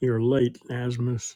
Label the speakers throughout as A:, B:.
A: You're late, Asmus.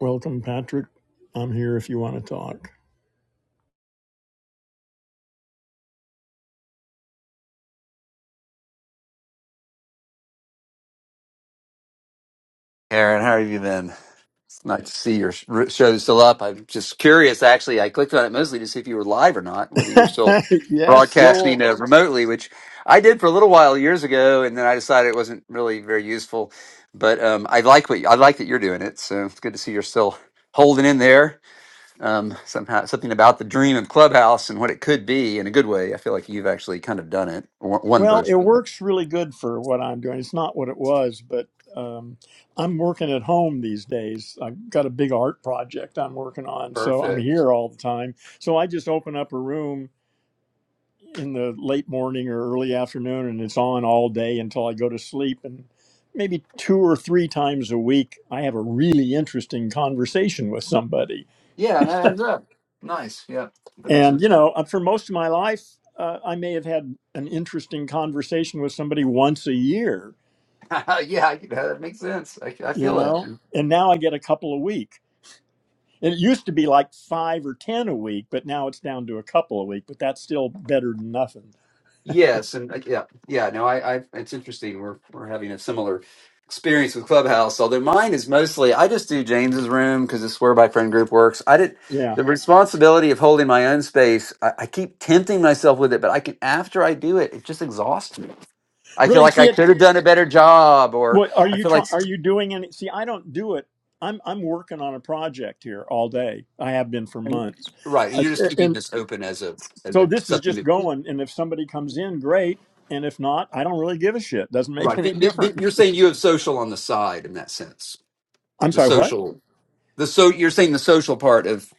A: Welcome, Patrick. I'm here if you want to talk.
B: Aaron, how have you been? It's nice to see your sh- show still up. I'm just curious, actually. I clicked on it mostly to see if you were live or not, whether you were still
A: yes,
B: broadcasting
A: Joel.
B: uh, remotely, which I did for a little while years ago, and then I decided it wasn't really very useful. But um, I like what you- I like that you're doing it, so it's good to see you're still holding in there. Um, somehow, something about the dream of Clubhouse and what it could be in a good way. I feel like you've actually kind of done it, one one
A: Well, it
B: version.
A: works really good for what I'm doing. It's not what it was, but um, I'm working at home these days. I've got a big art project I'm working on, so I'm
B: Perfect.
A: here all the time. So I just open up a room in the late morning or early afternoon, and it's on all day until I go to sleep. And maybe two or three times a week, I have a really interesting conversation with somebody
B: Yeah, that adds up. Nice. Yeah, that makes sense.
A: And, you know, uh, for most of my life, uh, I may have had an interesting conversation with somebody once a year,
B: yeah, you know, that makes sense. I, I
A: you
B: feel that.
A: know,
B: And
A: and now I get a couple a week. And it used to be like five or 10 a week, but now it's down to a couple a week, but that's still better than nothing.
B: yes, and uh, yeah, yeah. No, I, I. It's interesting. We're we're having a similar experience with Clubhouse. Although mine is mostly, I just do James's room because it's where my friend group works. I did
A: Yeah.
B: the responsibility of holding my own space. I, I keep tempting myself with it, but I can after I do it, it just exhausts me. I feel
A: Really
B: like I
A: see it.
B: could have done a better job, or
A: What are
B: I
A: you
B: feel like
A: trying? Are you doing any? See, I don't do it. I'm, I'm working on a project here all day. I have been for
B: and-
A: months.
B: right. And
A: Uh,
B: you're just keeping
A: and
B: this open as a as
A: So
B: a
A: this is
B: something
A: just
B: to
A: going, and if somebody comes in, great. And if not, I don't really give a shit. Doesn't make
B: Right.
A: any
B: Th- th- th-
A: difference.
B: You're saying you have social on the side in that sense.
A: I'm
B: the
A: sorry, what?
B: social the so you're saying the social part of,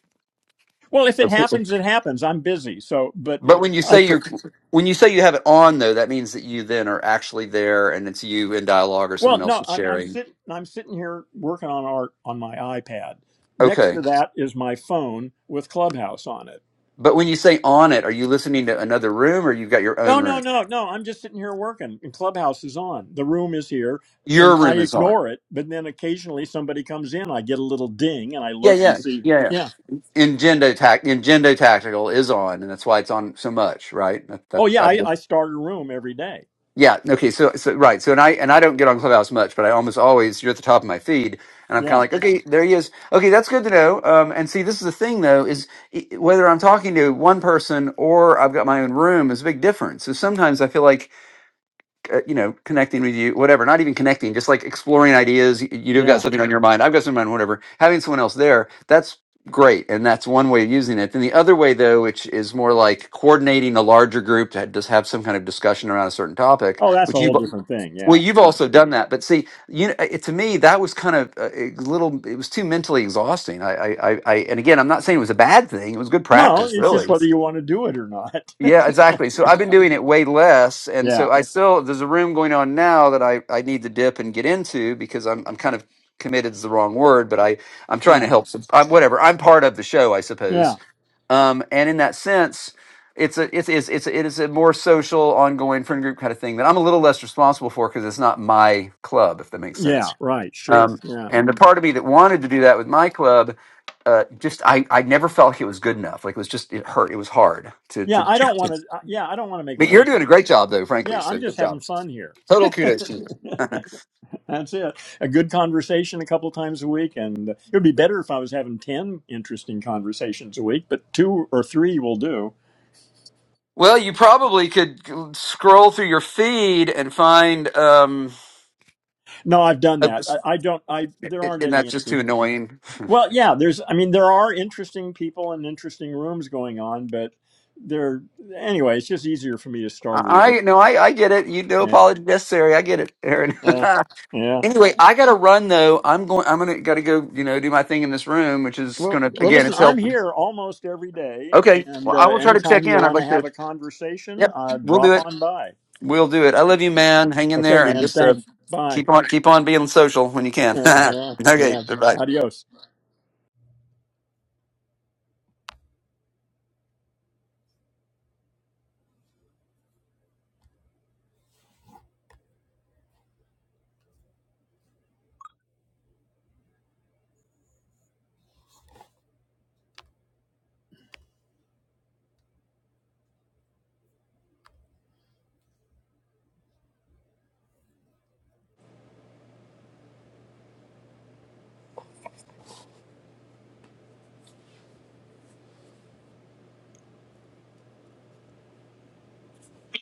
A: Well, if it
B: of people.
A: happens, it happens. I'm busy, so but
B: but when you
A: I.
B: say
A: pre-
B: you're when you say you have it on though that means that you then are actually there and it's you in dialogue or
A: Well,
B: someone else
A: no,
B: is
A: I'm I'm
B: sharing
A: sitting I'm sitting here working on art on my iPad. Next
B: okay
A: to that is my phone with Clubhouse on it.
B: but when you say on it are you listening to another room or you've got your own
A: No, no,
B: room
A: no, no. I'm just sitting here working, and Clubhouse is on. The room is here,
B: your
A: and I
B: room is on
A: ignore it. But then occasionally somebody comes in. I get a little ding, and I
B: yeah
A: look
B: yeah
A: and see.
B: yeah yeah
A: Yeah.
B: Ingendo, tac- Ingendo Tactical is on, and that's why it's on so much, right? That,
A: Oh
B: that,
A: yeah,
B: I get
A: I, I start a room every day.
B: Yeah. Okay. So, so right. So, and I and I don't get on Clubhouse much, but I almost always you're at the top of my feed, and I'm kind of
A: Yeah,
B: like, okay, there he is. Okay, that's good to know. Um, and see, this is the thing though, is i- whether I'm talking to one person or I've got my own room is a big difference. So sometimes I feel like uh, you know, connecting with you, whatever, not even connecting, just like exploring ideas. You, you do got
A: yeah.
B: something on your mind. I've got something on my mind, whatever. Having someone else there, that's great. And that's one way of using it. Then the other way though, which is more like coordinating a larger group to just have some kind of discussion around a certain topic,
A: Oh, that's a
B: which
A: whole
B: you've,
A: different thing.
B: well,
A: Yeah,
B: you've
A: sure.
B: also done that, but see, you know, it, to me, that was kind of a, a little, it was too mentally exhausting. I, I, I, I, and again, I'm not saying it was a bad thing. It was good
A: No,
B: practice
A: it's just
B: really.
A: whether you want to do it or not.
B: Yeah, exactly. So I've been
A: yeah,
B: doing it way less, and
A: yeah,
B: so I still there's a room going on now that I I need to dip and get into because I'm I'm kind of committed is the wrong word, but I I'm trying to
A: yeah,
B: help. Some, I'm whatever. I'm part of the show, I
A: yeah.
B: suppose. Um, and in that sense, it's a it's it's it's it is a more social, ongoing friend group kind of thing that I'm a little less responsible for because it's not my club, if that makes
A: yeah.
B: sense.
A: Right. Sure.
B: Um,
A: Yeah,
B: and the part of me that wanted to do that with my club uh, just I, I never felt like it was good enough. Like it was just it hurt. It was hard to
A: yeah.
B: to,
A: I
B: to
A: don't
B: Yeah.
A: want to. Yeah, I don't want to make
B: But you're
A: work.
B: doing
A: out.
B: a great job, though, frankly.
A: Yeah,
B: So
A: I'm
B: good
A: just
B: job.
A: having fun here.
B: Total kudos to you.
A: that's it. A good conversation a couple times a week, and uh, it would be better if I was having ten interesting conversations a week. But two or three will do.
B: Well, you probably could scroll through your feed and find. Um,
A: No, I've done
B: Uh,
A: that. I, I don't. I there aren't
B: and that's
A: any.
B: just too annoying.
A: Well, yeah, there's I mean there are interesting people and interesting rooms going on, but they're anyway, it's just easier for me to start a room.
B: I I- no, I, I get it. You no
A: Yeah.
B: apology necessary. I get it, Aaron.
A: Yeah. Yeah.
B: anyway, I gotta run though. I'm going. I'm gonna gotta go. You know, do my thing in this room, which is
A: Well,
B: gonna
A: well
B: again,
A: listen,
B: it's
A: I'm
B: helping.
A: here almost every day
B: Okay.
A: and
B: Well, I
A: uh,
B: will try to
A: anytime
B: check
A: you
B: in. I'd
A: want to
B: like
A: have
B: to.
A: a conversation,
B: Yep,
A: uh
B: we'll do
A: drop
B: it.
A: on by.
B: We'll do it. I love you, man. Hang in
A: Okay,
B: there and
A: man.
B: just uh,
A: Thanks. Bye.
B: keep on keep on being social when you can.
A: yeah.
B: okay.
A: Yeah.
B: Bye.
A: Adios.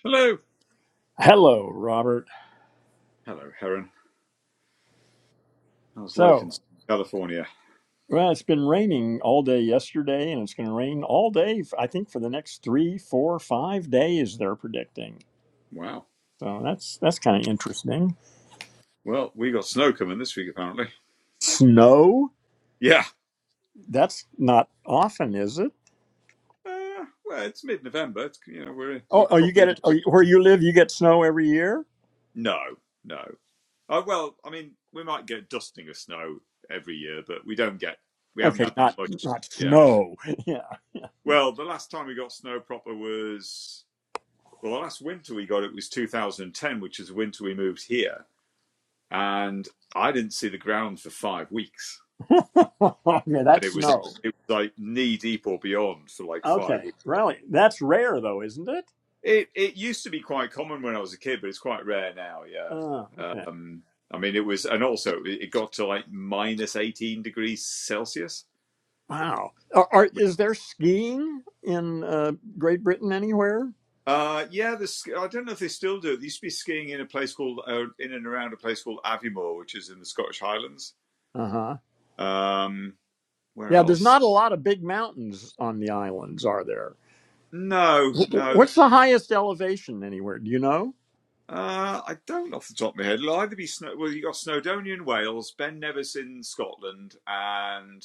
C: Hello.
A: Hello, Robert.
C: Hello, Heron. How's life
A: So,
C: in California?
A: well, it's been raining all day yesterday, and it's going to rain all day, I think, for the next three, four, five days, they're predicting.
C: Wow.
A: So that's that's kind of interesting.
C: Well, we got snow coming this week, apparently.
A: Snow?
C: Yeah.
A: That's not often, is it?
C: Uh, well, it's mid-November. It's, you know, we're
A: Oh,
C: we're
A: oh, you
C: properly
A: get it
C: into
A: oh,
C: winter.
A: where you live. You get snow every year.
C: No, no. Uh, well, I mean, we might get dusting of snow every year, but we don't get. We haven't
A: Okay,
C: had that
A: not
C: much.
A: not
C: Yeah.
A: snow. Yeah, yeah,
C: Well, the last time we got snow proper was well, the last winter we got it was 2010, which is the winter we moved here, and I didn't see the ground for five weeks.
A: Yeah,
C: and
A: that's
C: it was like,
A: snow.
C: it was like knee deep or beyond for like five
A: Okay,
C: weeks.
A: really, that's rare though, isn't it?
C: It it used to be quite common when I was a kid, but it's quite rare now.
A: Uh,
C: Yeah,
A: okay.
C: um, I mean it was, and also it got to like minus eighteen degrees Celsius.
A: Wow. Are, are,
C: which-
A: is there skiing in uh, Great Britain anywhere?
C: Uh, yeah, the, I don't know if they still do They used to be skiing in a place called uh, in and around a place called Aviemore, which is in the Scottish Highlands.
A: Uh huh.
C: Um, where
A: Yeah, there's
C: else?
A: not a lot of big mountains on the islands, are there?
C: No,
A: Wh-
C: no,
A: What's the highest elevation anywhere? Do you know?
C: Uh, I don't off the top of my head. It'll either be Snow. Well, you got Snowdonia in Wales, Ben Nevis in Scotland, and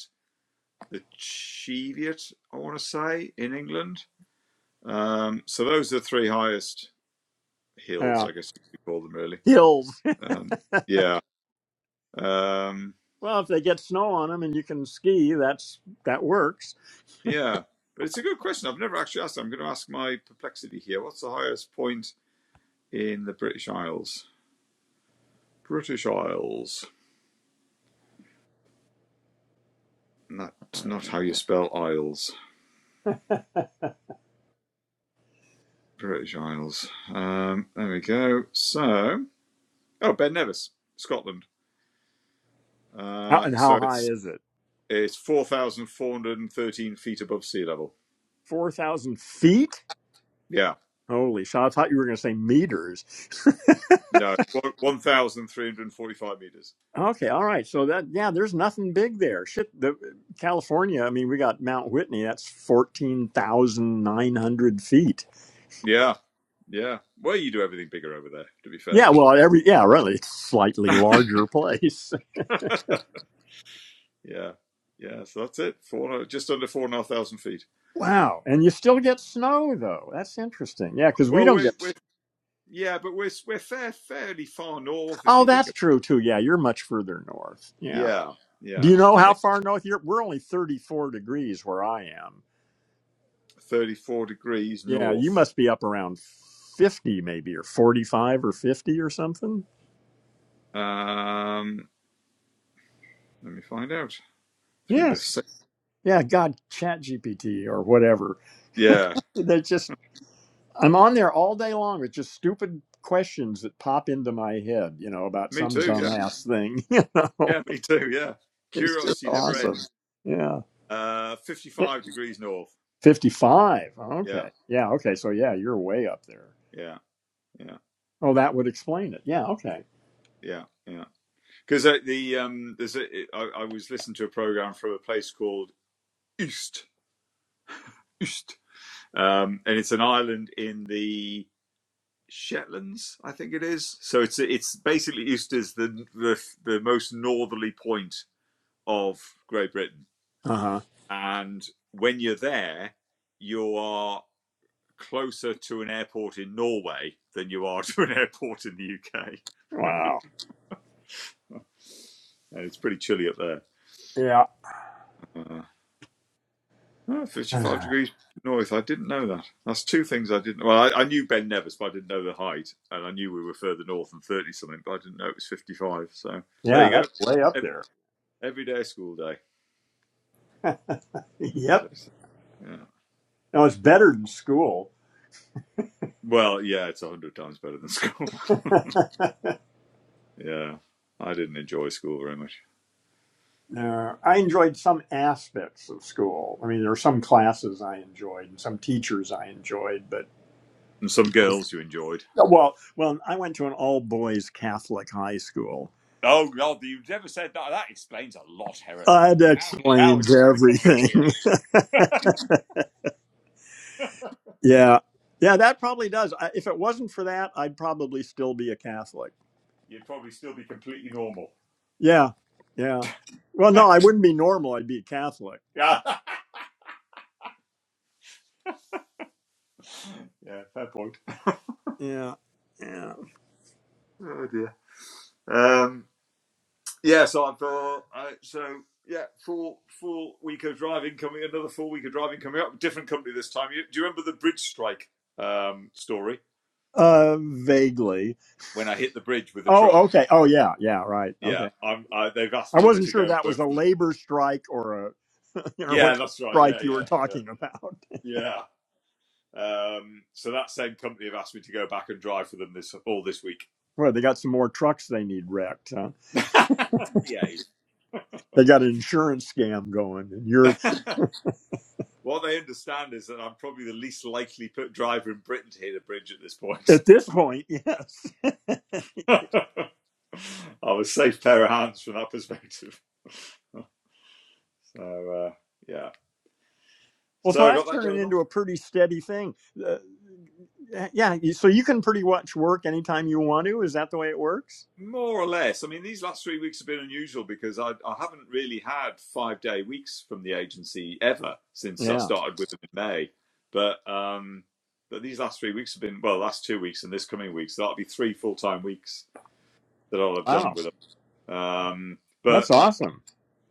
C: the Cheviot, I want to say, in England. Um, so those are the three highest
A: Yeah.
C: hills, I guess you could call them, really.
A: hills.
C: Um, yeah, um,
A: Well, if they get snow on them and you can ski, that's that works.
C: yeah. But it's a good question. I've never actually asked. I'm going to ask my perplexity here. What's the highest point in the British Isles? British Isles. Not not how
A: How,
C: you spell Isles. British Isles. Um, there we go. So, oh, Ben Nevis, Scotland. Uh,
A: and
C: so
A: how high
C: it's
A: is it?
C: it's four thousand four hundred and thirteen feet above sea level.
A: Four thousand feet?
C: Yeah,
A: Holy shit! I thought you were going to say meters.
C: no, one thousand three hundred forty-five meters.
A: Okay, all right. So that yeah, there's nothing big there. Shit, the California. I mean, we got Mount Whitney. That's fourteen thousand nine hundred feet.
C: Yeah, yeah. Well, you do everything bigger over there. To be
A: Yeah,
C: fair.
A: well, every yeah, really, it's slightly larger place.
C: yeah, yeah. So that's it. Four, just under four and a half thousand feet.
A: Wow, and you still get snow though. That's interesting. Yeah, because we
C: Well,
A: don't
C: we're,
A: get.
C: we're yeah, but we're we're fair, fairly far north if
A: Oh,
C: you think of.
A: that's
C: It.
A: true too. Yeah, you're much further north. Yeah.
C: Yeah,
A: Do
C: yeah.
A: you know
C: I
A: how
C: mean,
A: far north you're? We're only 34 degrees where I am.
C: thirty-four degrees
A: Yeah, you
C: north.
A: must be up around 50 maybe or 45 or 50 or something.
C: Um, let me find out through this.
A: Yes. Yeah, God, chat GPT or whatever.
C: Yeah,
A: They just, I'm on there all day long with just stupid questions that pop into my head, you know, about
C: me
A: some
C: too. Yeah,
A: dumbass thing. You know,
C: yeah, me too. Yeah,
A: it's just
C: curiosity never
A: awesome.
C: ends.
A: Yeah.
C: Uh,
A: Eh,
C: fifty-five degrees north.
A: 55.
C: Yeah,
A: Okay. Yeah. Okay. So, yeah, you're way up there.
C: yeah, yeah,
A: Oh, that would explain it. Yeah. Okay.
C: yeah, yeah. Because uh, the um, there's a I, I was listening to a program from a place called Ust Ust, um, and it's an island in the Shetlands, I think it is. So it's it's basically Ust is the the the most northerly point of Great Britain
A: Uh huh.
C: And when you're there, you are closer to an airport in Norway than you are to an airport in the UK.
A: Wow.
C: And it's pretty chilly up there.
A: Yeah.
C: Uh, oh, 55 degrees north. I didn't know that. That's two things I didn't. Well, I, I knew Ben Nevis, but I didn't know the height, and I knew we were further north than 30 something, but I didn't know it was 55. So there you
A: Yeah,
C: go.
A: that's way up
C: Every,
A: there.
C: every day school day, as they
A: yep.
C: say. Yeah.
A: No, it's better than school.
C: Well, yeah, it's a hundred times better than school. yeah, I didn't enjoy school very much.
A: Uh, I enjoyed some aspects of school. I mean, there were some classes I enjoyed and some teachers I enjoyed, but
C: and some girls you enjoyed.
A: well, well, I went to an all boys Catholic high school.
C: Oh God, you've never said that. That explains a lot, Heron.
A: Uh, that
C: Now, now
A: explains
C: it's all becoming clear.
A: everything. yeah, yeah, that probably does. I, if it wasn't for that, I'd probably still be a Catholic.
C: You'd probably still be completely normal.
A: Yeah, yeah. Well, no, I wouldn't be normal. I'd be a Catholic.
C: Yeah, yeah, fair point.
A: Yeah, yeah.
C: Oh dear. Um, yeah, so I've got uh, so yeah, full full week of driving coming. Another full week of driving coming up. Different company this time. You, do you remember the bridge strike um, story
A: Uh, vaguely.
C: when I hit the bridge with a truck?
A: Oh, okay. Oh, yeah, yeah. Right.
C: Yeah,
A: Okay.
C: I'm. I, they've asked
A: I
C: me
A: wasn't
C: to
A: sure
C: go and
A: that
C: work
A: was a
C: for them.
A: labor strike or a, you know, what
C: Yeah,
A: kind
C: that's
A: of
C: right. Yeah,
A: strike you were
C: yeah,
A: talking about.
C: yeah, yeah. Um, so that same company have asked me to go back and drive for them this all this week.
A: Well, they got some more trucks they need wrecked. Huh?
C: Behave.
A: They got an insurance scam going, and you're
C: what they understand is that I'm probably the least likely put driver in Britain to hit a bridge at this point.
A: at this point, yes.
C: I'm a safe pair of hands from that perspective. So uh, yeah,
A: Well, so
C: so I
A: that's
C: got that
A: turning
C: going on.
A: into a pretty steady thing. Uh, yeah. you- So you can pretty much work anytime you want to. Is that the way it works?
C: More or less. I mean, these last three weeks have been unusual because I, I haven't really had five day weeks from the agency ever since I
A: Yeah.
C: started with them in May. But um, but these last three weeks have been well, last two weeks and this coming week, so that'll be three full time weeks that I'll have done
A: Wow.
C: with them. Um, but
A: That's awesome.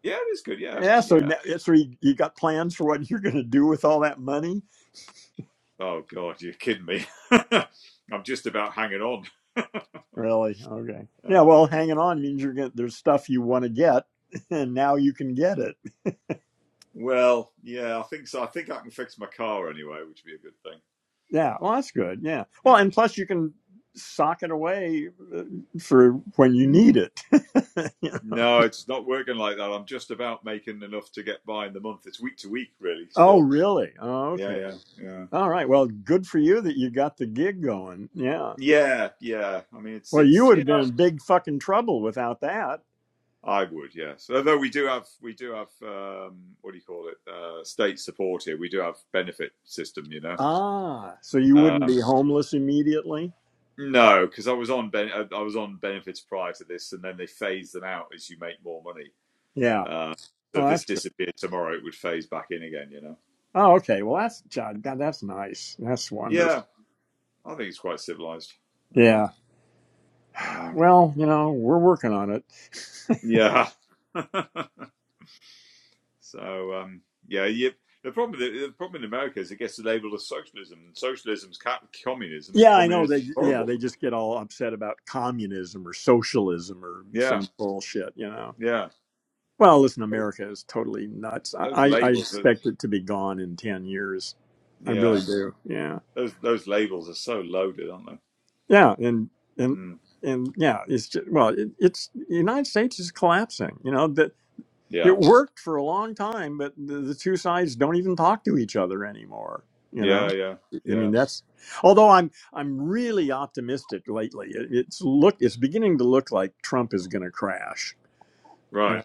C: yeah, it is good. Yeah,
A: Yeah. So,
C: yeah.
A: now, yeah, so you, you got plans for what you're going to do with all that money?
C: Oh God, you're kidding me. I'm just about hanging on.
A: Really? Okay. Yeah.
C: Uh,
A: Well, hanging on means you're going to, there's stuff you want to get and now you can get it.
C: well, yeah, I think so. I think I can fix my car anyway, which would be a good thing.
A: Yeah. Well, that's good. Yeah. Well, and plus you can sock it away uh, for when you need it. You know?
C: No, it's not working like that. I'm just about making enough to get by in the month. It's week to week, really.
A: Oh,
C: Still,
A: really? Oh,
C: yeah,
A: okay.
C: yeah, yeah,
A: All right. Well, good for you that you got the gig going. Yeah.
C: yeah, yeah. I mean, it's
A: Well, you
C: it's
A: would have been
C: yeah.
A: in big fucking trouble without that.
C: I would, yes. Although we do have we do have um, what do you call it? Uh, state support here. We do have benefit system, you know.
A: Ah, so you wouldn't
C: Um,
A: be homeless immediately?
C: no, because I was on ben- uh, I was on benefits prior to this, and then they phase them out as you make more money.
A: Yeah.
C: Uh, so if
A: Oh,
C: this
A: that's good.
C: disappeared tomorrow, it would phase back in again, you know.
A: Oh, okay. Well, that's God. God, That's nice. That's wonderful.
C: Yeah, I think it's quite civilized. Yeah.
A: Yeah.
C: Um,
A: Well, you know, we're working on it.
C: Yeah. so um, yeah, you, the problem the problem in America is it gets labeled as socialism, and socialism's ca- communism, and
A: Yeah, I know.
C: communism is
A: They yeah,
C: horrible.
A: they just get all upset about communism or socialism or
C: Yeah,
A: some bullshit. You know.
C: yeah.
A: Well, listen,
C: Those,
A: America is totally nuts.
C: those
A: I, I I
C: labels are
A: expect it to be gone in ten years. I really
C: yeah.
A: do. Yeah.
C: Those those labels are so loaded, aren't they?
A: Yeah. And and
C: Mm.
A: and yeah, it's just well, it, it's the United States is collapsing. You know, the
C: Yeah,
A: It worked for a long time, but the, the two sides don't even talk to each other anymore. You know,
C: yeah, yeah,
A: I
C: yeah.
A: mean that's. Although I'm I'm really optimistic lately. It, it's look it's beginning to look like Trump is going to crash.
C: Right.
A: Uh,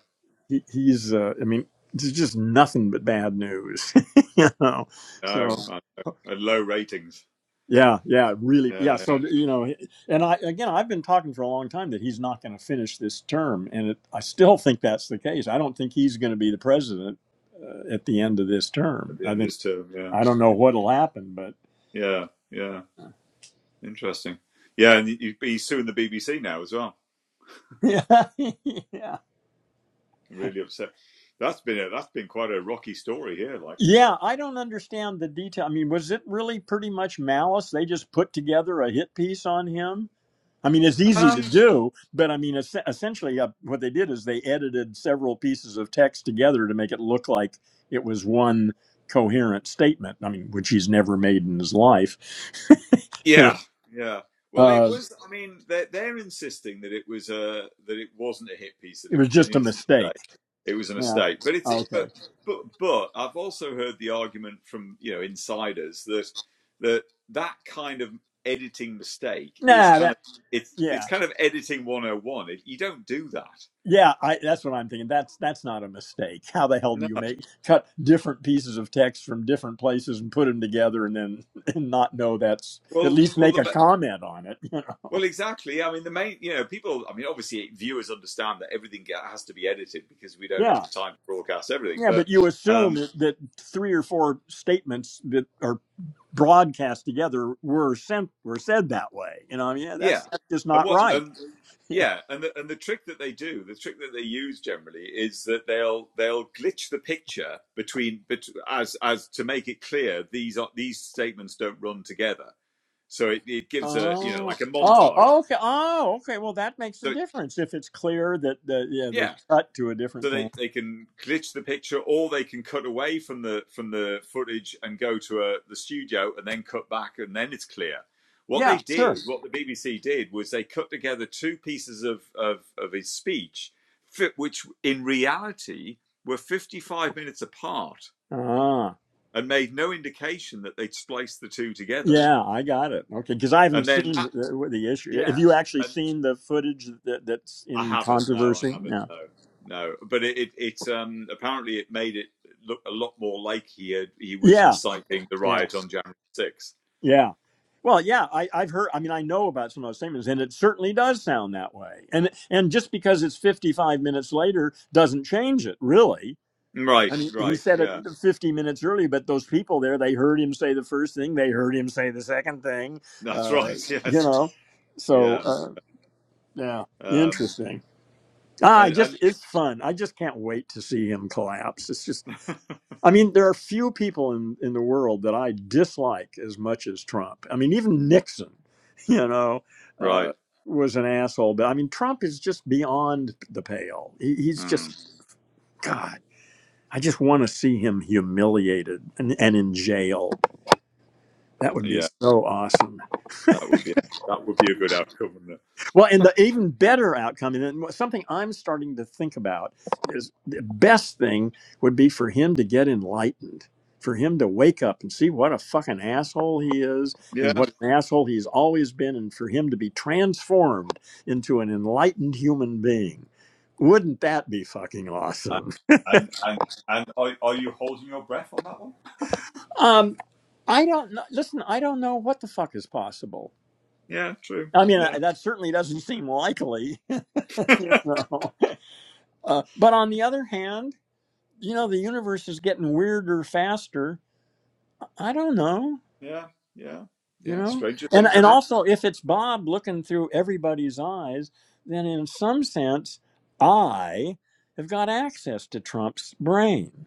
A: he, he's uh, I mean there's just nothing but bad news. you know,
C: No,
A: so.
C: I know. low ratings.
A: Yeah, yeah, really. Yeah,
C: Yeah,
A: so
C: yeah.
A: you know, and I again, I've been talking for a long time that he's not going to finish this term, and it, I still think that's the case. I don't think he's going to be the president uh, at the end of this
C: At
A: term.
C: the
A: I
C: end of
A: think
C: this term. Yeah,
A: I don't know what'll happen, but
C: yeah, yeah. Interesting. Yeah, and you, you're suing the BBC now as well.
A: yeah, yeah,
C: really upset. That's been a, that's been quite a rocky story here. Like,
A: yeah. I don't understand the detail. I mean, was it really pretty much malice? They just put together a hit piece on him I mean, it's easy to
C: Um,
A: do, but I mean, es- essentially, uh, what they did is they edited several pieces of text together to make it look like it was one coherent statement. I mean, which he's never made in his life.
C: yeah, yeah. Well, it
A: Uh,
C: was. I mean, they're, they're insisting that it was a that it wasn't a hit piece, that
A: it
C: it
A: was
C: was an
A: just a
C: innocent
A: mistake.
C: mistake. It was a
A: Yeah.
C: mistake. But it's
A: Okay.
C: but but but I've also heard the argument from you know insiders that that that kind of editing mistake is
A: Nah.
C: kind of
A: That.
C: it's it's
A: Yeah.
C: kind of editing 101. It, you don't do that.
A: Yeah. I. That's what I'm thinking. That's that's not a mistake. How the hell do
C: No.
A: you make cut different pieces of text from different places and put them together and then and not know that's at
C: Well,
A: least
C: well,
A: make a
C: the,
A: comment on it?
C: Well, exactly. I mean, the main, you know, people, I mean, obviously viewers understand that everything has to be edited because we don't have the time to broadcast everything.
A: Yeah,
C: But
A: but you assume
C: um,
A: that, that three or four statements that are broadcast together were sent were said that way. You know, I mean, yeah,
C: yeah.
A: that's that's just
C: And
A: not
C: what,
A: right.
C: and
A: Yeah.
C: yeah, and the, and the trick that they do, the trick that they use generally is that they'll they'll glitch the picture between bet- as as to make it clear these are these statements don't run together. So it, it gives a you know
A: Oh,
C: like a
A: oh,
C: montage.
A: oh, okay, oh, okay. Well, that makes a
C: So
A: difference if it's clear that the yeah
C: yeah,
A: they've cut to a
C: so
A: different
C: they,
A: thing.
C: they can glitch the picture or they can cut away from the from the footage and go to a, the studio and then cut back and then it's clear what
A: Yeah,
C: they
A: sure.
C: did what the bbc did was they cut together two pieces of of, of his speech which in reality were 55 minutes apart
A: Ah,
C: and made no indication that they'd spliced the two together
A: yeah, I got it. Okay, because I
C: and
A: haven't
C: then
A: seen
C: that
A: the, the issue. Have
C: yeah
A: you actually seen the footage that, that's
C: I
A: in
C: haven't. No, I
A: controversy?
C: haven't.
A: Yeah,
C: No, no. But it, it it's um apparently it made it look a lot more like he had, he was
A: yeah,
C: inciting the
A: yeah.
C: riot on January 6th.
A: Yeah. Well, yeah, I, I've heard. I mean, I know about some of those statements, and it certainly does sound that way. And and just because it's 55 minutes later doesn't change it, really.
C: Right.
A: I mean, he
C: Right.
A: said it
C: Yeah.
A: 50 minutes early, but those people there, they heard him say the first thing, they heard him say the second thing,
C: That's
A: uh,
C: right.
A: you
C: Yes.
A: know. So,
C: Yeah.
A: uh, yeah,
C: Um.
A: interesting. Ah, I
C: And,
A: just
C: and yeah,
A: it's fun. I just can't wait to see him collapse. It's just I mean, there are few people in, in the world that I dislike as much as Trump. I mean, even Nixon, you know,
C: right.
A: uh, was an asshole. But I mean, Trump is just beyond the pale. He, he's just,
C: Mm,
A: God, I just want to see him humiliated and, and in jail. That would be
C: yeah.
A: so awesome.
C: That would be that would be a good outcome, wouldn't it?
A: Well, and the even better outcome, and something I'm starting to think about is the best thing would be for him to get enlightened, for him to wake up and see what a fucking asshole he is and
C: Yeah.
A: what an asshole he's always been, and for him to be transformed into an enlightened human being. Wouldn't that be fucking
C: And
A: awesome?
C: and and, and are are you holding your breath on that one?
A: Um, I don't know. Listen, I don't know what the fuck is possible.
C: Yeah. True.
A: I mean,
C: Yeah.
A: that certainly doesn't seem likely. you know? Uh, but on the other hand, you know the universe is getting weirder faster i don't know
C: Yeah. Yeah.
A: you
C: Yeah.
A: know
C: Stranger
A: and
C: things have
A: and
C: happened.
A: also if it's bob looking through everybody's eyes then in some sense i have got access to trump's brain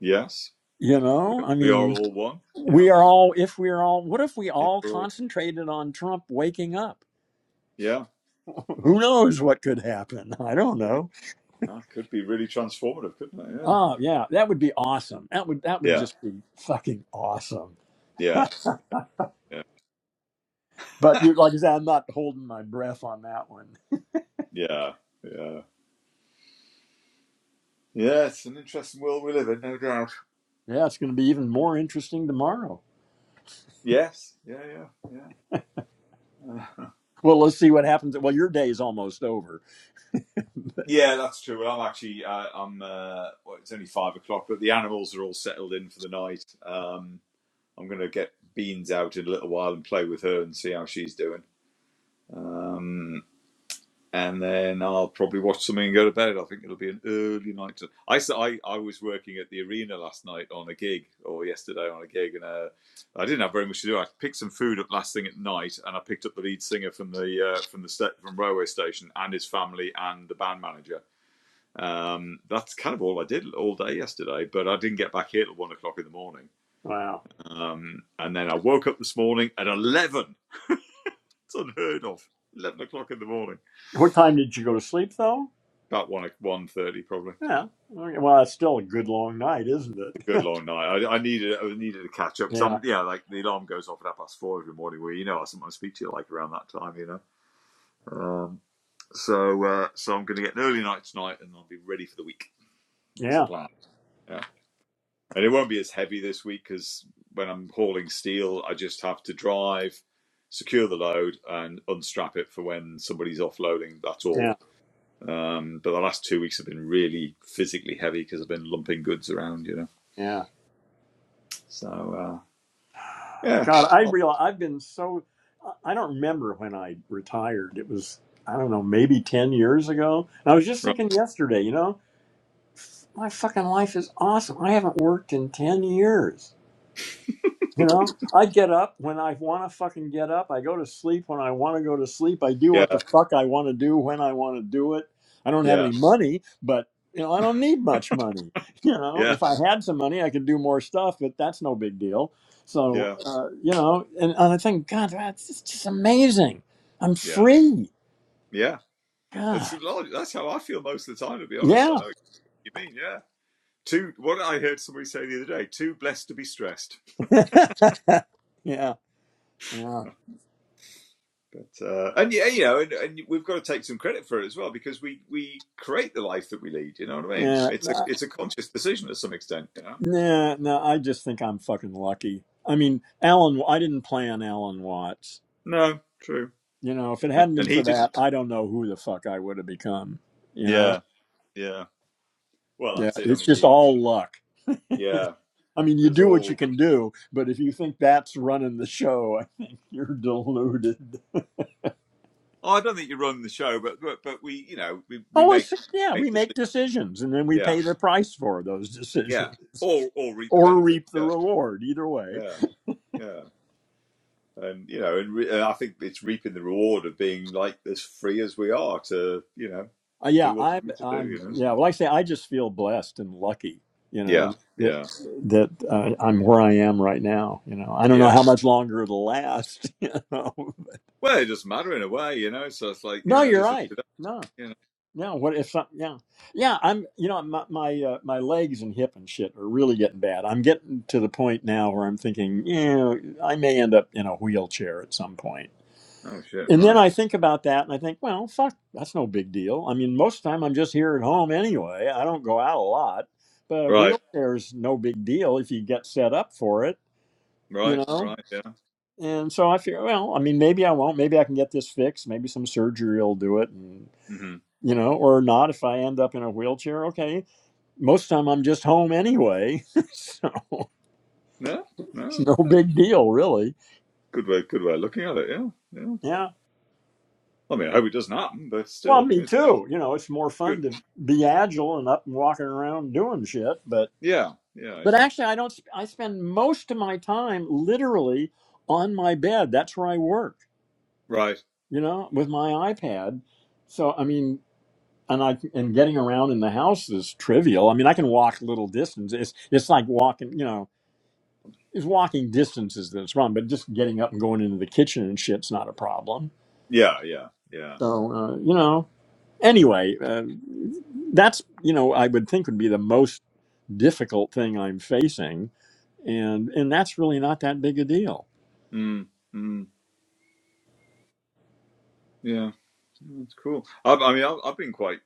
C: Yes.
A: you
C: We
A: know
C: are,
A: i
C: we are
A: mean
C: all one. Yeah.
A: we are all if we're all what if we
C: if
A: all
C: we're all
A: concentrated on trump waking up
C: yeah,
A: who knows what could happen i don't
C: yeah.
A: know
C: That could be really transformative, couldn't it?
A: oh yeah that would be awesome that would that would
C: Yeah.
A: just be fucking awesome
C: Yeah. Yeah. Yeah.
A: but you like I said, I'm not holding my breath on that one.
C: Yeah. Yeah. Yeah, it's an interesting world we live in, no doubt.
A: Yeah, it's going to be even more interesting tomorrow.
C: Yes. Yeah, yeah, yeah. uh,
A: Well, let's see what happens. Well, your day's almost over.
C: yeah, that's true. Well, I'm actually, uh, I'm. Uh, well, it's only five o'clock, but the animals are all settled in for the night. Um, I'm going to get Beans out in a little while and play with her and see how she's doing. Um, and then I'll probably watch something and go to bed. I think it'll be an early night. To, I I, I was working at the arena last night on a gig, or yesterday on a gig, and uh, I didn't have very much to do. I picked some food up last thing at night, and I picked up the lead singer from the uh, from the sta- from railway station and his family and the band manager. Um, that's kind of all I did all day yesterday, but I didn't get back here till one o'clock in the morning.
A: Wow.
C: Um, and then I woke up this morning at eleven. It's unheard of. Eleven o'clock in the morning.
A: What time did you go to sleep, though?
C: About one one thirty probably.
A: Yeah. Okay, Well, it's still a good long night, isn't it?
C: good long night. I, I needed I needed a catch up because I'm
A: yeah.
C: yeah like the alarm goes off at half past four every morning. Where you know I sometimes speak to you like around that time, you know. Um, so uh, so I'm going to get an early night tonight and I'll be ready for the week. That's the
A: Yeah.
C: plan. Yeah, and it won't be as heavy this week because when I'm hauling steel, I just have to drive, secure the load, and unstrap it for when somebody's offloading. That's all.
A: Yeah.
C: Um, but the last two weeks have been really physically heavy because I've been lumping goods around, you know.
A: Yeah.
C: So uh, yeah,
A: God, I realize I've been so. I I don't remember when I retired. It was, I don't know, maybe 10 years ago. And I was just
C: Right.
A: thinking yesterday, you know, my fucking life is awesome. I haven't worked in 10 years You know, I get up when I want to fucking get up. I go to sleep when I want to go to sleep. I do
C: Yeah,
A: what the fuck I want to do when I want to do it. I don't have
C: Yeah,
A: any money, but you know, I don't need much money. You know,
C: yeah,
A: if I had some money, I could do more stuff, but that's no big deal. So,
C: yeah,
A: uh, you know, and, and I think, God, that's just, just amazing. I'm
C: yeah,
A: free.
C: yeah. That's
A: God.
C: that's how I feel most of the time, to be honest. I
A: Yeah.
C: know what you mean. Yeah, too. What I heard somebody say the other day: too blessed to be stressed.
A: yeah. Yeah.
C: But uh, and yeah, you know, and, and we've got to take some credit for it as well because we we create the life that we lead. You know what I mean? It's a
A: Yeah.
C: it's a conscious decision to some extent. You know?
A: Nah, nah, I just think I'm fucking lucky. I mean, Alan, I didn't plan Alan Watts.
C: No, true.
A: You know, if it
C: And,
A: hadn't been
C: and
A: for
C: he
A: that,
C: didn't.
A: I don't know who the fuck I would have become. You know?
C: Yeah, yeah. Well,
A: Yeah,
C: that's it. I
A: it's
C: mean,
A: just
C: you. you-
A: all luck.
C: Yeah,
A: I mean, you
C: there's
A: do what
C: all.
A: you can do, but if you think that's running the show, I think you're deluded.
C: Oh, I don't think you run the show, but but, but we, you know, we we
A: Oh, I
C: make
A: see. Yeah,
C: make
A: we
C: decisions.
A: make decisions and then we
C: Yeah.
A: pay the price for those
C: Yeah,
A: decisions
C: or or reap the
A: or
C: benefit.
A: reap the
C: Yeah,
A: reward, either way.
C: yeah, yeah. And you know, and, re- and I think it's reaping the reward of being like as free as we are to you know
A: Uh, yeah,
C: do what we
A: I'm.
C: need to do.
A: I'm.
C: You know.
A: Yeah. Well, like I say, I just feel blessed and lucky. You know
C: Yeah,
A: that
C: yeah,
A: that uh, I'm where I am right now. You know, I don't know
C: yeah.
A: how much longer it'll last. You know.
C: Well, it doesn't matter in a way, you know. So it's like you
A: No,
C: know,
A: you're
C: this is
A: right. No.
C: you know.
A: No. What if? Some, yeah. Yeah. I'm. You know, my my uh, my legs and hip and shit are really getting bad. I'm getting to the point now where I'm thinking, you know, I may end up in a wheelchair at some point.
C: Oh shit!
A: And then
C: Right,
A: I think about that and I think, well, fuck, that's no big deal. I mean, most of the time I'm just here at home anyway. I don't go out a lot, but a
C: right,
A: wheelchair's no big deal if you get set up for it, you
C: right,
A: know?
C: right. Yeah.
A: And so I figure, well, I mean, maybe I won't. Maybe I can get this fixed. Maybe some surgery will do it, and
C: Mm-hmm.
A: you know, or not if I end up in a wheelchair. Okay, most of the time I'm just home anyway, so
C: Yeah.
A: it's
C: No,
A: no
C: that's
A: big deal, really.
C: a good way. Good way of looking at it. Yeah, yeah.
A: Yeah,
C: I mean, I hope it doesn't happen, but
A: Well,
C: still,
A: me
C: it's
A: too. You know, it's more fun
C: good.
A: to be agile and up and walking around doing shit. But
C: Yeah, yeah,
A: but
C: yeah.
A: actually, I don't. sp- I spend most of my time literally on my bed. That's where I work.
C: Right.
A: You know, with my iPad. So I mean, and I and getting around in the house is trivial. I mean, I can walk little distance. It's it's like walking. You know, it's walking distances that's wrong. But just getting up and going into the kitchen and shit's not a problem.
C: Yeah, yeah, yeah.
A: So uh, you know. anyway, uh, that's you know I would think would be the most difficult thing I'm facing, and and that's really not that big a deal.
C: Mm. mm. Yeah, that's cool. I've, I mean, I've, I've been quite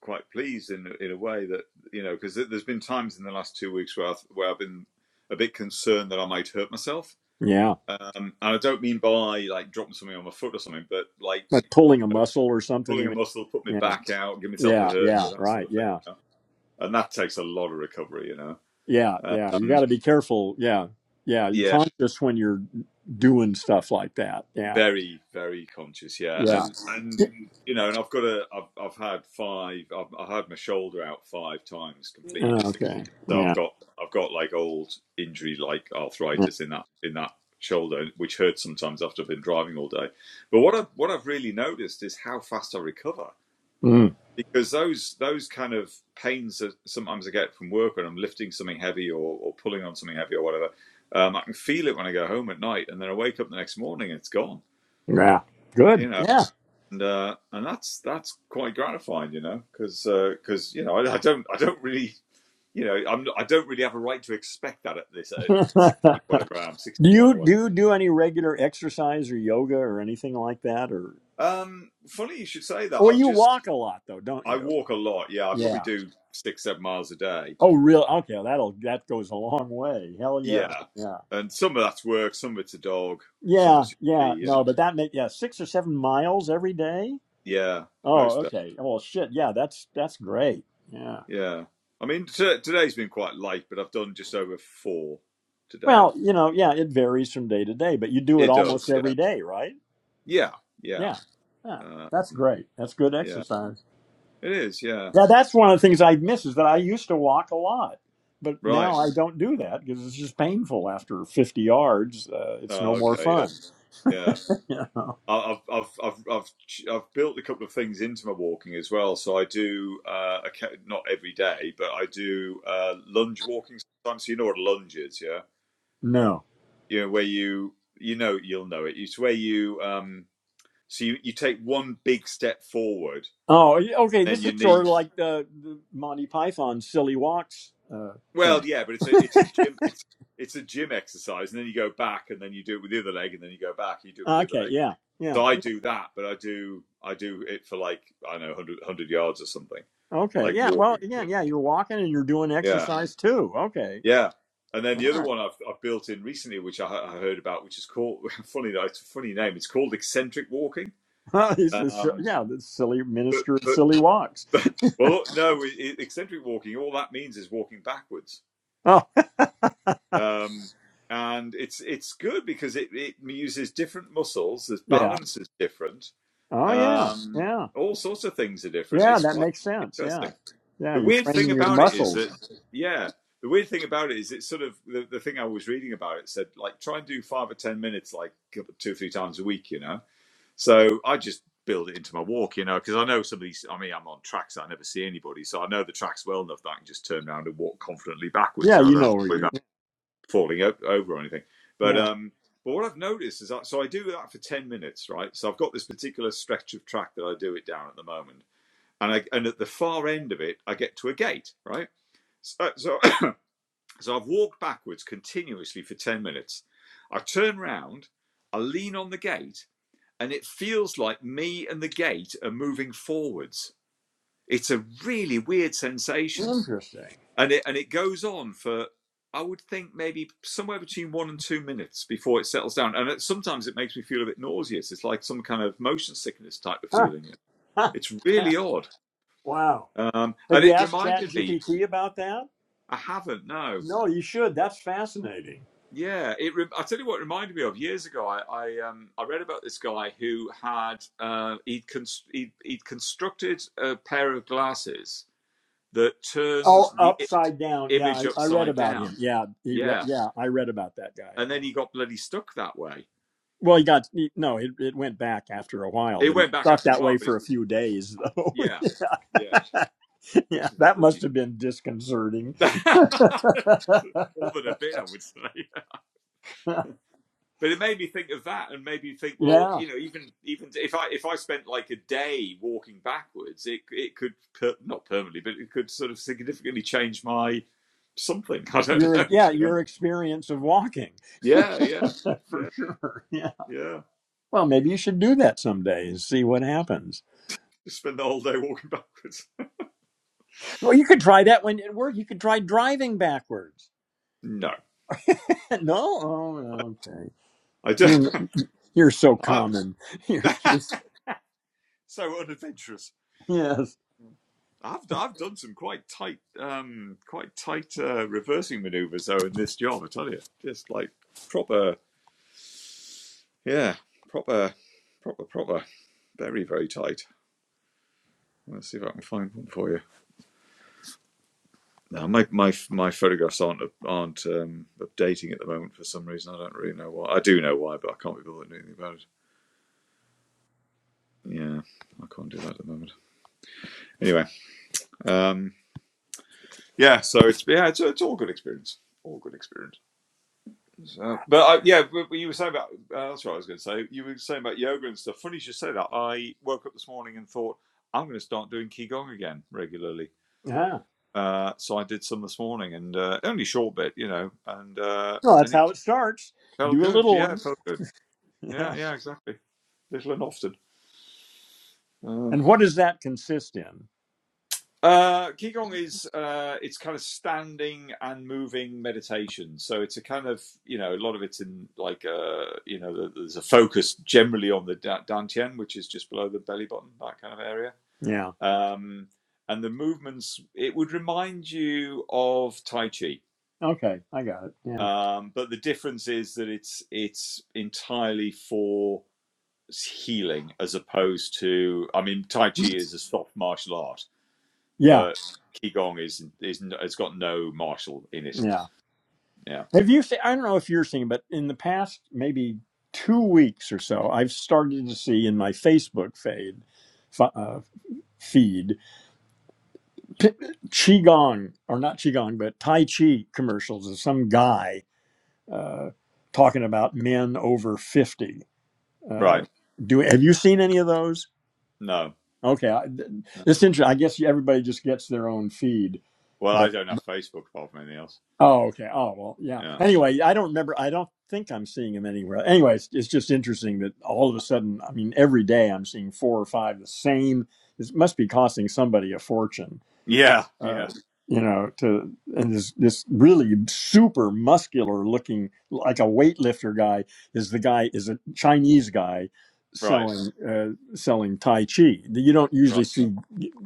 C: quite pleased in in a way that you know because there's been times in the last two weeks where I've, where I've been a bit concerned that I might hurt myself.
A: Yeah,
C: Um, and I don't mean by like dropping something on my foot or something, but like
A: like pulling a muscle or something.
C: pulling
A: You
C: a
A: mean?
C: muscle, put my
A: Yeah,
C: back out, give myself a
A: yeah,
C: hernia,
A: yeah.
C: that sort
A: Right.
C: of thing.
A: Yeah,
C: You know? And that takes a lot of recovery, you know.
A: yeah, yeah. You got
C: Um,
A: to be careful. Yeah, yeah. You
C: yeah,
A: conscious when you're doing stuff like that. Yeah,
C: very very conscious yeah
A: yeah.
C: and and
A: Yeah,
C: you know and i've got a i've, I've had five I've, i had my shoulder out five times completely dislocated
A: Okay.
C: so i've
A: Yeah.
C: got i've got like old injury like
A: Yeah.
C: arthritis in that in that shoulder which hurts sometimes after i've been driving all day but what i what i've really noticed is how fast i recover
A: Mm,
C: because those those kind of pains that sometimes i get from work when i'm lifting something heavy or, or pulling on something heavy or whatever um, i can feel it when i go home at night and then i wake up the next morning and it's gone
A: yeah.
C: you
A: Good.
C: know
A: Yeah.
C: and uh, and that's that's quite gratifying, you know, because uh, because you know I, I don't I don't really you know I'm I don't really have a right to expect that at this at
A: do
C: sixty whatever I am sixty one
A: you
C: or
A: do you do any regular exercise or yoga or anything like that or
C: whatever. Um, funny you should say that.
A: Well,
C: I've
A: you
C: just
A: walk a lot though, don't
C: I
A: you?
C: walk a lot. Yeah, I probably
A: Yeah.
C: do six seven miles a day.
A: Oh, real? Okay, that'll that goes a long way. Hell yeah,
C: Yeah,
A: yeah,
C: and some of that's work, some of it's a dog, some of
A: yeah,
C: it's
A: yeah.
C: you know.
A: No, but that make yeah six or seven miles every day.
C: Yeah, most
A: Oh,
C: days.
A: okay. Well, shit. Yeah, that's that's great. Yeah.
C: Yeah, I mean t- today's been quite light, but I've done just over four today.
A: Well, you know, yeah, it varies from day to day, but you do it
C: It does.
A: almost
C: Yeah,
A: every day, right?
C: yeah, yeah.
A: Yeah. Yeah.
C: Um,
A: That's great. That's good
C: yeah,
A: exercise.
C: it is. Yeah,
A: Yeah, that's one of the things I miss is that I used to walk a lot, but now
C: right.
A: I don't do that because it's just painful after 50 yards. Uh, it's no
C: Oh,
A: more
C: okay. Yeah,
A: fun.
C: yeah.
A: Yeah.
C: I- I've I've I've I've ch- I've built a couple of things into my walking as well. So I do uh, occa- not every day, but I do uh, lunge walking sometimes. So you know what a lunge is, yeah?
A: no.
C: You know where you you know you'll know it. It's where you um so you, you take one big step forward
A: Oh, yeah, okay.
C: and
A: This is
C: your
A: sort of
C: knee.
A: like the, the Monty Python silly walks uh, thing.
C: Well, yeah, but it's a it's a gym it's it's a gym exercise, and then you go back, and then you do it with the other leg, and then you go back, you do it with the other
A: Okay.
C: leg
A: Yeah. Yeah.
C: So I
A: yeah.
C: do that, but I do I do it for like I don't know 100, yards or something,
A: Okay.
C: like
A: Yeah. Well,
C: walking.
A: again, Yeah. You're walking and you're doing
C: Yeah,
A: exercise too. Okay.
C: yeah. And then the
A: All
C: other
A: right.
C: one I've, I've built in recently, which I, I heard about, which is called funny. no, It's a funny name. It's called eccentric walking.
A: Well, this is, si,
C: Um,
A: yeah. The silly
C: but,
A: minister of
C: but
A: silly
C: but
A: walks.
C: well, no, eccentric walking. All that means is walking backwards.
A: Oh,
C: Um, and it's it's good because it, it uses different muscles. There's
A: yeah.
C: balance is different.
A: Oh, yeah.
C: Um,
A: Yeah.
C: all sorts of things are different.
A: Yeah.
C: It's
A: That
C: quite
A: makes sense.
C: interesting.
A: Yeah. Yeah.
C: The
A: You're
C: weird thing
A: training your
C: about it is that,
A: muscles.
C: yeah, the weird thing about it is it's sort of the, the thing I was reading about it said, like, try and do five or 10 minutes, like two or three times a week, you know? So I just build it into my walk, you know, because I know some of these, I mean, I'm on tracks that I never see anybody. So I know the tracks well enough that I can just turn around and walk confidently backwards.
A: Yeah.
C: So I
A: You
C: don't have
A: know
C: to
A: where
C: worry
A: you're.
C: about falling o- over or anything. But,
A: Yeah.
C: um, but what I've noticed is that, so I do that for 10 minutes, right? So I've got this particular stretch of track that I do it down at the moment. And, I, and at the far end of it, I get to a gate, right? So, so, so I've walked backwards continuously for 10 minutes. I turn round, I lean on the gate, and it feels like me and the gate are moving forwards. It's a really weird sensation.
A: Interesting.
C: And it, and it goes on for, I would think, maybe somewhere between one and two minutes before it settles down. And it, sometimes it makes me feel a bit nauseous. It's like some kind of motion sickness type of feeling. It's really odd.
A: wow.
C: Um, and
A: Have you
C: it
A: asked
C: reminded me,
A: ChatGPT about that?
C: I haven't, no.
A: No, you should. That's fascinating.
C: Yeah, it. Re- I tell you what, it reminded me of years ago. I I, um, I read about this guy who had uh, he'd, cons- he'd he'd constructed a pair of glasses that turned
A: Oh,
C: the I-
A: upside down. Yeah,
C: image
A: I, I read
C: upside
A: about him.
C: down.
A: Yeah, he read.
C: Yeah,
A: Yeah, I read about that guy.
C: and
A: Yeah.
C: then he got bloody stuck that way.
A: Well, he got he, no. It, it went back after a while,
C: It
A: but he
C: went back
A: stuck
C: after a
A: that
C: while,
A: way
C: but it
A: for a few days, though.
C: yeah, yeah,
A: yeah. yeah,
C: which is a
A: that must
C: bloody
A: have been disconcerting.
C: more than a bit, I would say. but it made me think of that and made me think well
A: yeah,
C: you know even even if i if i spent like a day walking backwards it it could per, not permanently but it could sort of significantly change my something i don't
A: your
C: know
A: yeah
C: you know
A: your experience of walking
C: yeah yeah yeah
A: for sure. Yeah.
C: yeah
A: Well, maybe you should do that someday and see what happens.
C: just spend the whole day walking backwards
A: Well, you could try that when at work. You could try driving backwards.
C: no
A: no, oh, okay.
C: i don't
A: You're you're so
C: I,
A: common. You're just
C: so unadventurous
A: yes.
C: I've, I've done some quite tight um quite tight uh, reversing maneuvers though in this job i tell you just like proper Yeah, proper, proper, proper. Very, very tight. Let's see if I can find one for you. Now, my my my photographs aren't aren't um, updating at the moment for some reason. I don't really know why. I do know why, but I can't be bothered doing anything about it. Yeah, I can't do that at the moment. Anyway, um, yeah. So it's yeah, it's, it's all good experience. All good experience. So, but I, yeah, but but you were saying about uh, that's what I was going to say. You were saying about yoga and stuff. Funny you should say that. I woke up this morning and thought I'm going to start doing qigong again regularly
A: Yeah.
C: Uh, so I did some this morning, and uh, only a short bit, you know, and uh,
A: Well, that's
C: and it
A: how it starts.
C: felt
A: Do a
C: good.
A: little
C: Yeah,
A: one.
C: it felt good. Yeah,
A: Yeah.
C: yeah, exactly. Little and often. Um,
A: And what does that consist in?
C: uh, Qigong is uh, it's kind of standing and moving meditation. So it's a kind of you know a lot of it's in like uh, you know there's a focus generally on the da- dantian, which is just below the belly button, that kind of area.
A: Yeah.
C: Um, and the movements it would remind you of Tai Chi
A: Okay, I got it. Yeah.
C: Um, but the difference is that it's it's entirely for healing as opposed to I mean Tai Chi is a soft martial art,
A: Yeah.
C: but Qigong is is it's got no martial in it.
A: Yeah.
C: Yeah.
A: Have you? se- I don't know if you're seeing, but in the past maybe two weeks or so, I've started to see in my Facebook fade, f- uh, feed p- qigong or not qigong but tai chi commercials of some guy uh, talking about men over 50 uh,
C: Right.
A: do have you seen any of those
C: No.
A: okay I, th-
C: No.
A: it's interesting i guess everybody just gets their own feed
C: Well, I
A: but
C: don't have Facebook apart from anything else.
A: oh okay oh well yeah
C: Yeah.
A: anyway i don't remember i don't think i'm seeing them anywhere anyway it's, it's just interesting that all of a sudden i mean every day i'm seeing four or five the same it must be costing somebody a fortune
C: Yeah.
A: uh,
C: Yeah.
A: you know, to and this this really super muscular looking like a weightlifter guy is the guy is a Chinese guy
C: Right.
A: selling uh, selling Tai Chi. You don't
C: Right.
A: usually see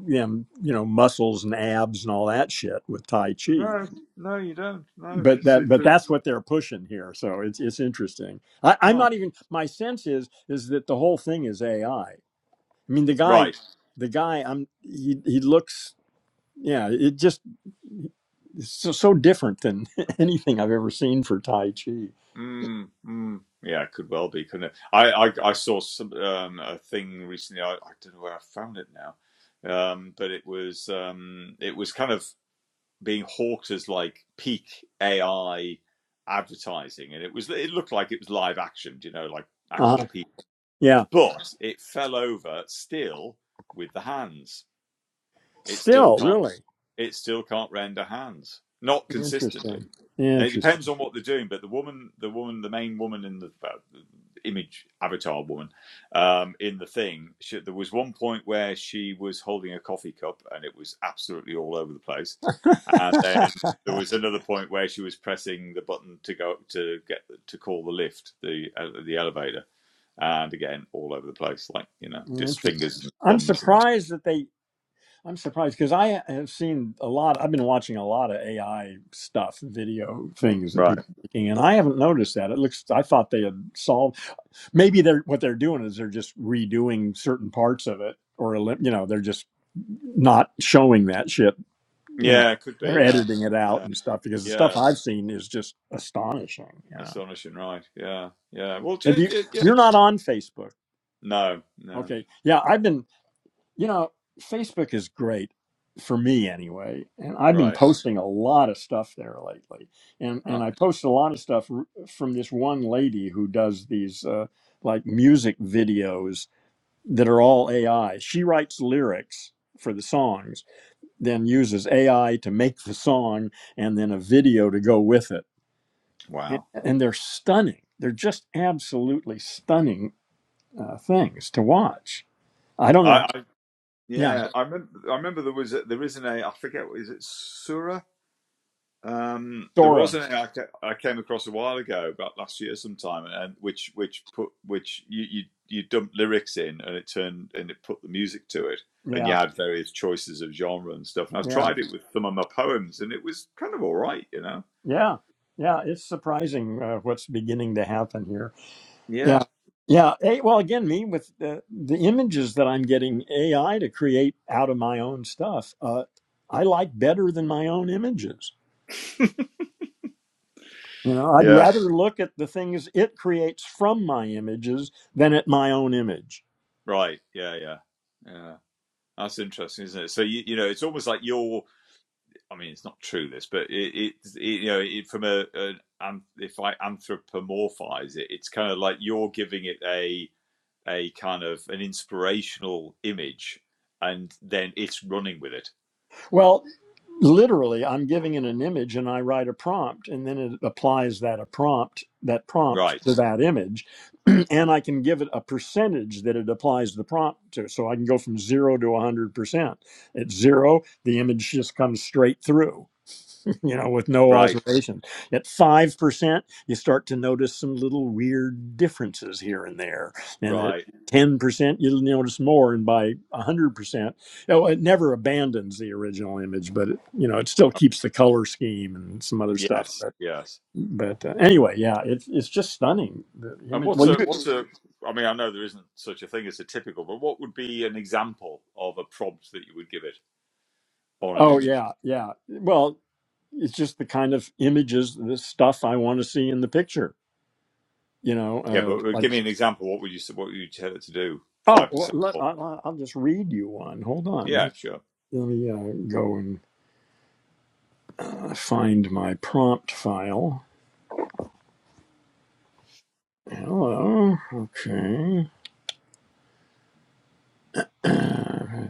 A: them, you know, muscles and abs and all that shit with Tai Chi.
C: No. No, you don't. No.
A: But
C: It's
A: that
C: it's
A: but
C: a,
A: that's what they're pushing here. So it's it's interesting. I, I'm
C: ah.
A: not even my sense is is that the whole thing is AI. I I mean the guy
C: Right.
A: the guy I'm he he looks yeah, it just it's so, so different than anything I've ever seen for Tai Chi.
C: Mm, mm. Yeah, it could well be, couldn't it? I I, I saw some um, a thing recently. I, I don't know where I found it now, um, but it was um, it was kind of being hawked as like peak AI advertising, and it was it looked like it was live action, you know, like actual
A: Uh,
C: people,
A: yeah,
C: but it fell over still with the hands. It still
A: still
C: can't
A: really
C: it still can't render hands, not consistently.
A: interesting.
C: Now, it depends
A: Interesting.
C: on what they're doing, but the woman, the woman, the main woman in the uh, image avatar woman um, in the thing, she, there was one point where she was holding a coffee cup and it was absolutely all over the place, and then there was another point where she was pressing the button to go to get to call the lift, the uh, the elevator, and again all over the place, like you know, just
A: interesting.
C: fingers and
A: I'm
C: thumbs and
A: surprised that they. I'm surprised because I have seen a lot. I've been watching a lot of AI stuff, video things that
C: Right.
A: people are making, and I haven't noticed that. It looks. I thought they had solved. Maybe they're what they're doing is they're just redoing certain parts of it, or elim- you know, they're just not showing that shit you know
C: yeah, it could be,
A: they're
C: yeah,
A: editing it out
C: yeah,
A: and stuff because the stuff
C: yeah.
A: I've seen is just astonishing. Yeah,
C: Astonishing, right? Yeah, yeah. Well,
A: have
C: ju-
A: you?
C: yeah.
A: You're not on Facebook,
C: No, no.
A: okay? Yeah, I've been. You know, Facebook is great for me anyway, and I've been
C: Right.
A: posting a lot of stuff there lately, and and
C: Huh.
A: I post a lot of stuff r- from this one lady who does these uh, like music videos that are all AI. She writes lyrics for the songs, then uses AI to make the song and then a video to go with it and,
C: Wow.
A: and they're stunning. They're just absolutely stunning uh, things to watch. I don't
C: I,
A: know.
C: I
A: Yeah,
C: yeah. I remember. I remember there was a, there is an A. I forget. what- Is it Sura? Um, there was
A: Sora.
C: an A I, I came across a while ago, about last year sometime, and which which put which you you you dumped lyrics in, and it turned and it put the music to it, and you
A: Yeah,
C: had various choices of genre and stuff. And I
A: yeah,
C: tried it with some of my poems, and it was kind of all right, you know.
A: yeah, yeah. It's surprising uh, what's beginning to happen here.
C: Yeah.
A: Yeah, yeah. Hey, well, again, me with the, the images that I'm getting AI to create out of my own stuff, uh, I like better than my own images. You know, I'd
C: Yeah.
A: rather look at the things it creates from my images than at my own image.
C: Right. Yeah. Yeah. Yeah. That's interesting, isn't it? So you you know, it's almost like you're. I mean, it's not true this, but it, it, it you know, it, from a, an- if I anthropomorphize it, it's kind of like you're giving it a a kind of an inspirational image, and then it's running with it.
A: Well, literally i'm giving it an image and i write a prompt and then it applies that a prompt that prompt
C: Right,
A: to that image and i can give it a percentage that it applies the prompt to so i can go from 0 to 100% at 0 the image just comes straight through you know, with no
C: right,
A: alteration. At 5%, you start to notice some little weird differences here and there. And at
C: right.
A: 10%, you'll notice more. And by 100%, oh, it never abandons the original image, but, it, you know, it still keeps the color scheme and some other stuff.
C: Yes,
A: But,
C: yes.
A: but uh, anyway, yeah, it's it's just stunning. The
C: And
A: image,
C: what's
A: well, you,
C: a what's a I mean, I know there isn't such a thing as a typical, but what would be an example of a prompt that you would give it on an
A: oh,
C: image?
A: yeah, yeah. Well, it's just the kind of images, the stuff I want to see in the picture. You know,
C: Yeah, but
A: uh,
C: uh,
A: like
C: give me an example. What would you what would you tell it to do?
A: Oh,
C: Five
A: well,
C: percent.
A: let, I, I- I'll just read you one. Hold on. Let
C: Yeah,
A: me
C: sure.
A: let me uh, go and uh, find my prompt file. Hello. Okay. Where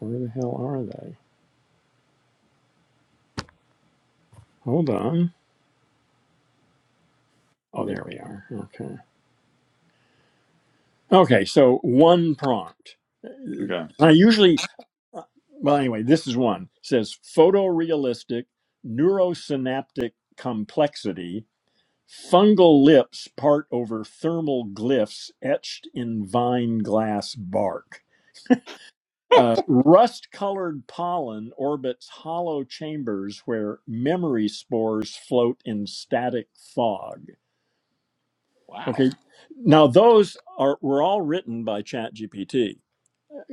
A: the hell are they? Hold on. Oh, there we are. Okay. Okay. So one prompt.
C: Okay.
A: I usually, uh, well, anyway, this is one. It says photorealistic neurosynaptic complexity Fungal lips part over thermal glyphs etched in vine glass bark. Uh, Rust colored pollen orbits hollow chambers where memory spores float in static fog.
C: Wow.
A: Okay, now those are were all written by ChatGPT.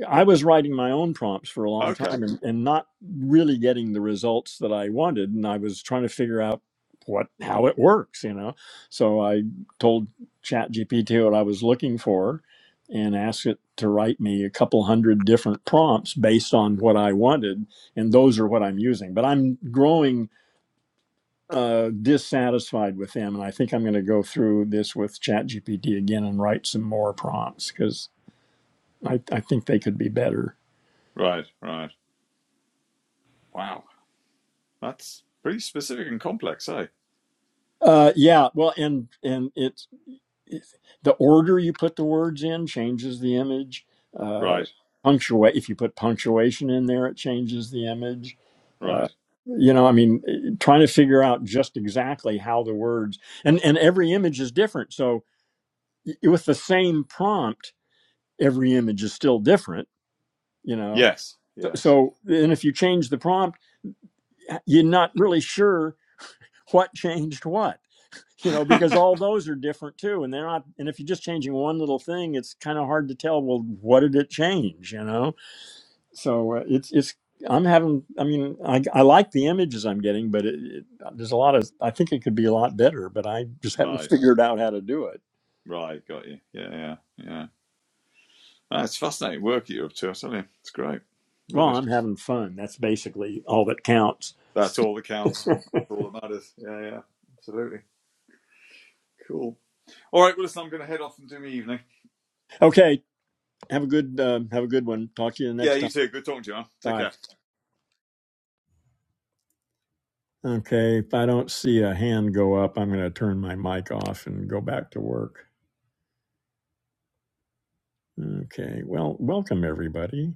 A: I was writing my own prompts for a long
C: Okay.
A: time and, and not really getting the results that I wanted. And I was trying to figure out what how it works, you know. So I told ChatGPT what I was looking for and asked it to write me a couple hundred different prompts based on what I wanted. And those are what I'm using. But I'm growing uh, dissatisfied with them. And I think I'm going to go through this with ChatGPT again and write some more prompts because I, I think they could be better.
C: Right. Right. Wow. That's pretty specific and complex, eh?
A: Uh, yeah, well, and and it's it's- the order you put the words in changes the image. Uh,
C: Right.
A: punctuate if you put punctuation in there, it changes the image. Uh,
C: Right.
A: you know, I mean, eh, trying to figure out just exactly how the words and and every image is different. So y- with the same prompt, every image is still different. You know,
C: Yes.
A: so,
C: Yes.
A: so and if you change the prompt, you're not really sure what changed what you know because all those are different too and they're not and if you're just changing one little thing it's kind of hard to tell well what did it change you know so uh, it's it's i'm having i mean i, I like the images i'm getting but it, it, there's a lot of i think it could be a lot better but i just haven't
C: right.
A: figured out how to do it
C: Right. Got you. Yeah. Yeah. Yeah. That's fascinating work that you're up to. I tell you, it's great. Love
A: well
C: it.
A: i'm having fun that's basically all that counts
C: That's all that counts. That's all that matters. Yeah. Yeah. Absolutely. Cool. All right. Well, listen, I'm going to head off and do my evening.
A: okay have a good uh, have a good one talk to you
C: Yeah.
A: next
C: You
A: time
C: too. Good talking to you. Man. Take
A: bye
C: care.
A: okay if i don't see a hand go up i'm going to turn my mic off and go back to work Okay. Well, welcome everybody.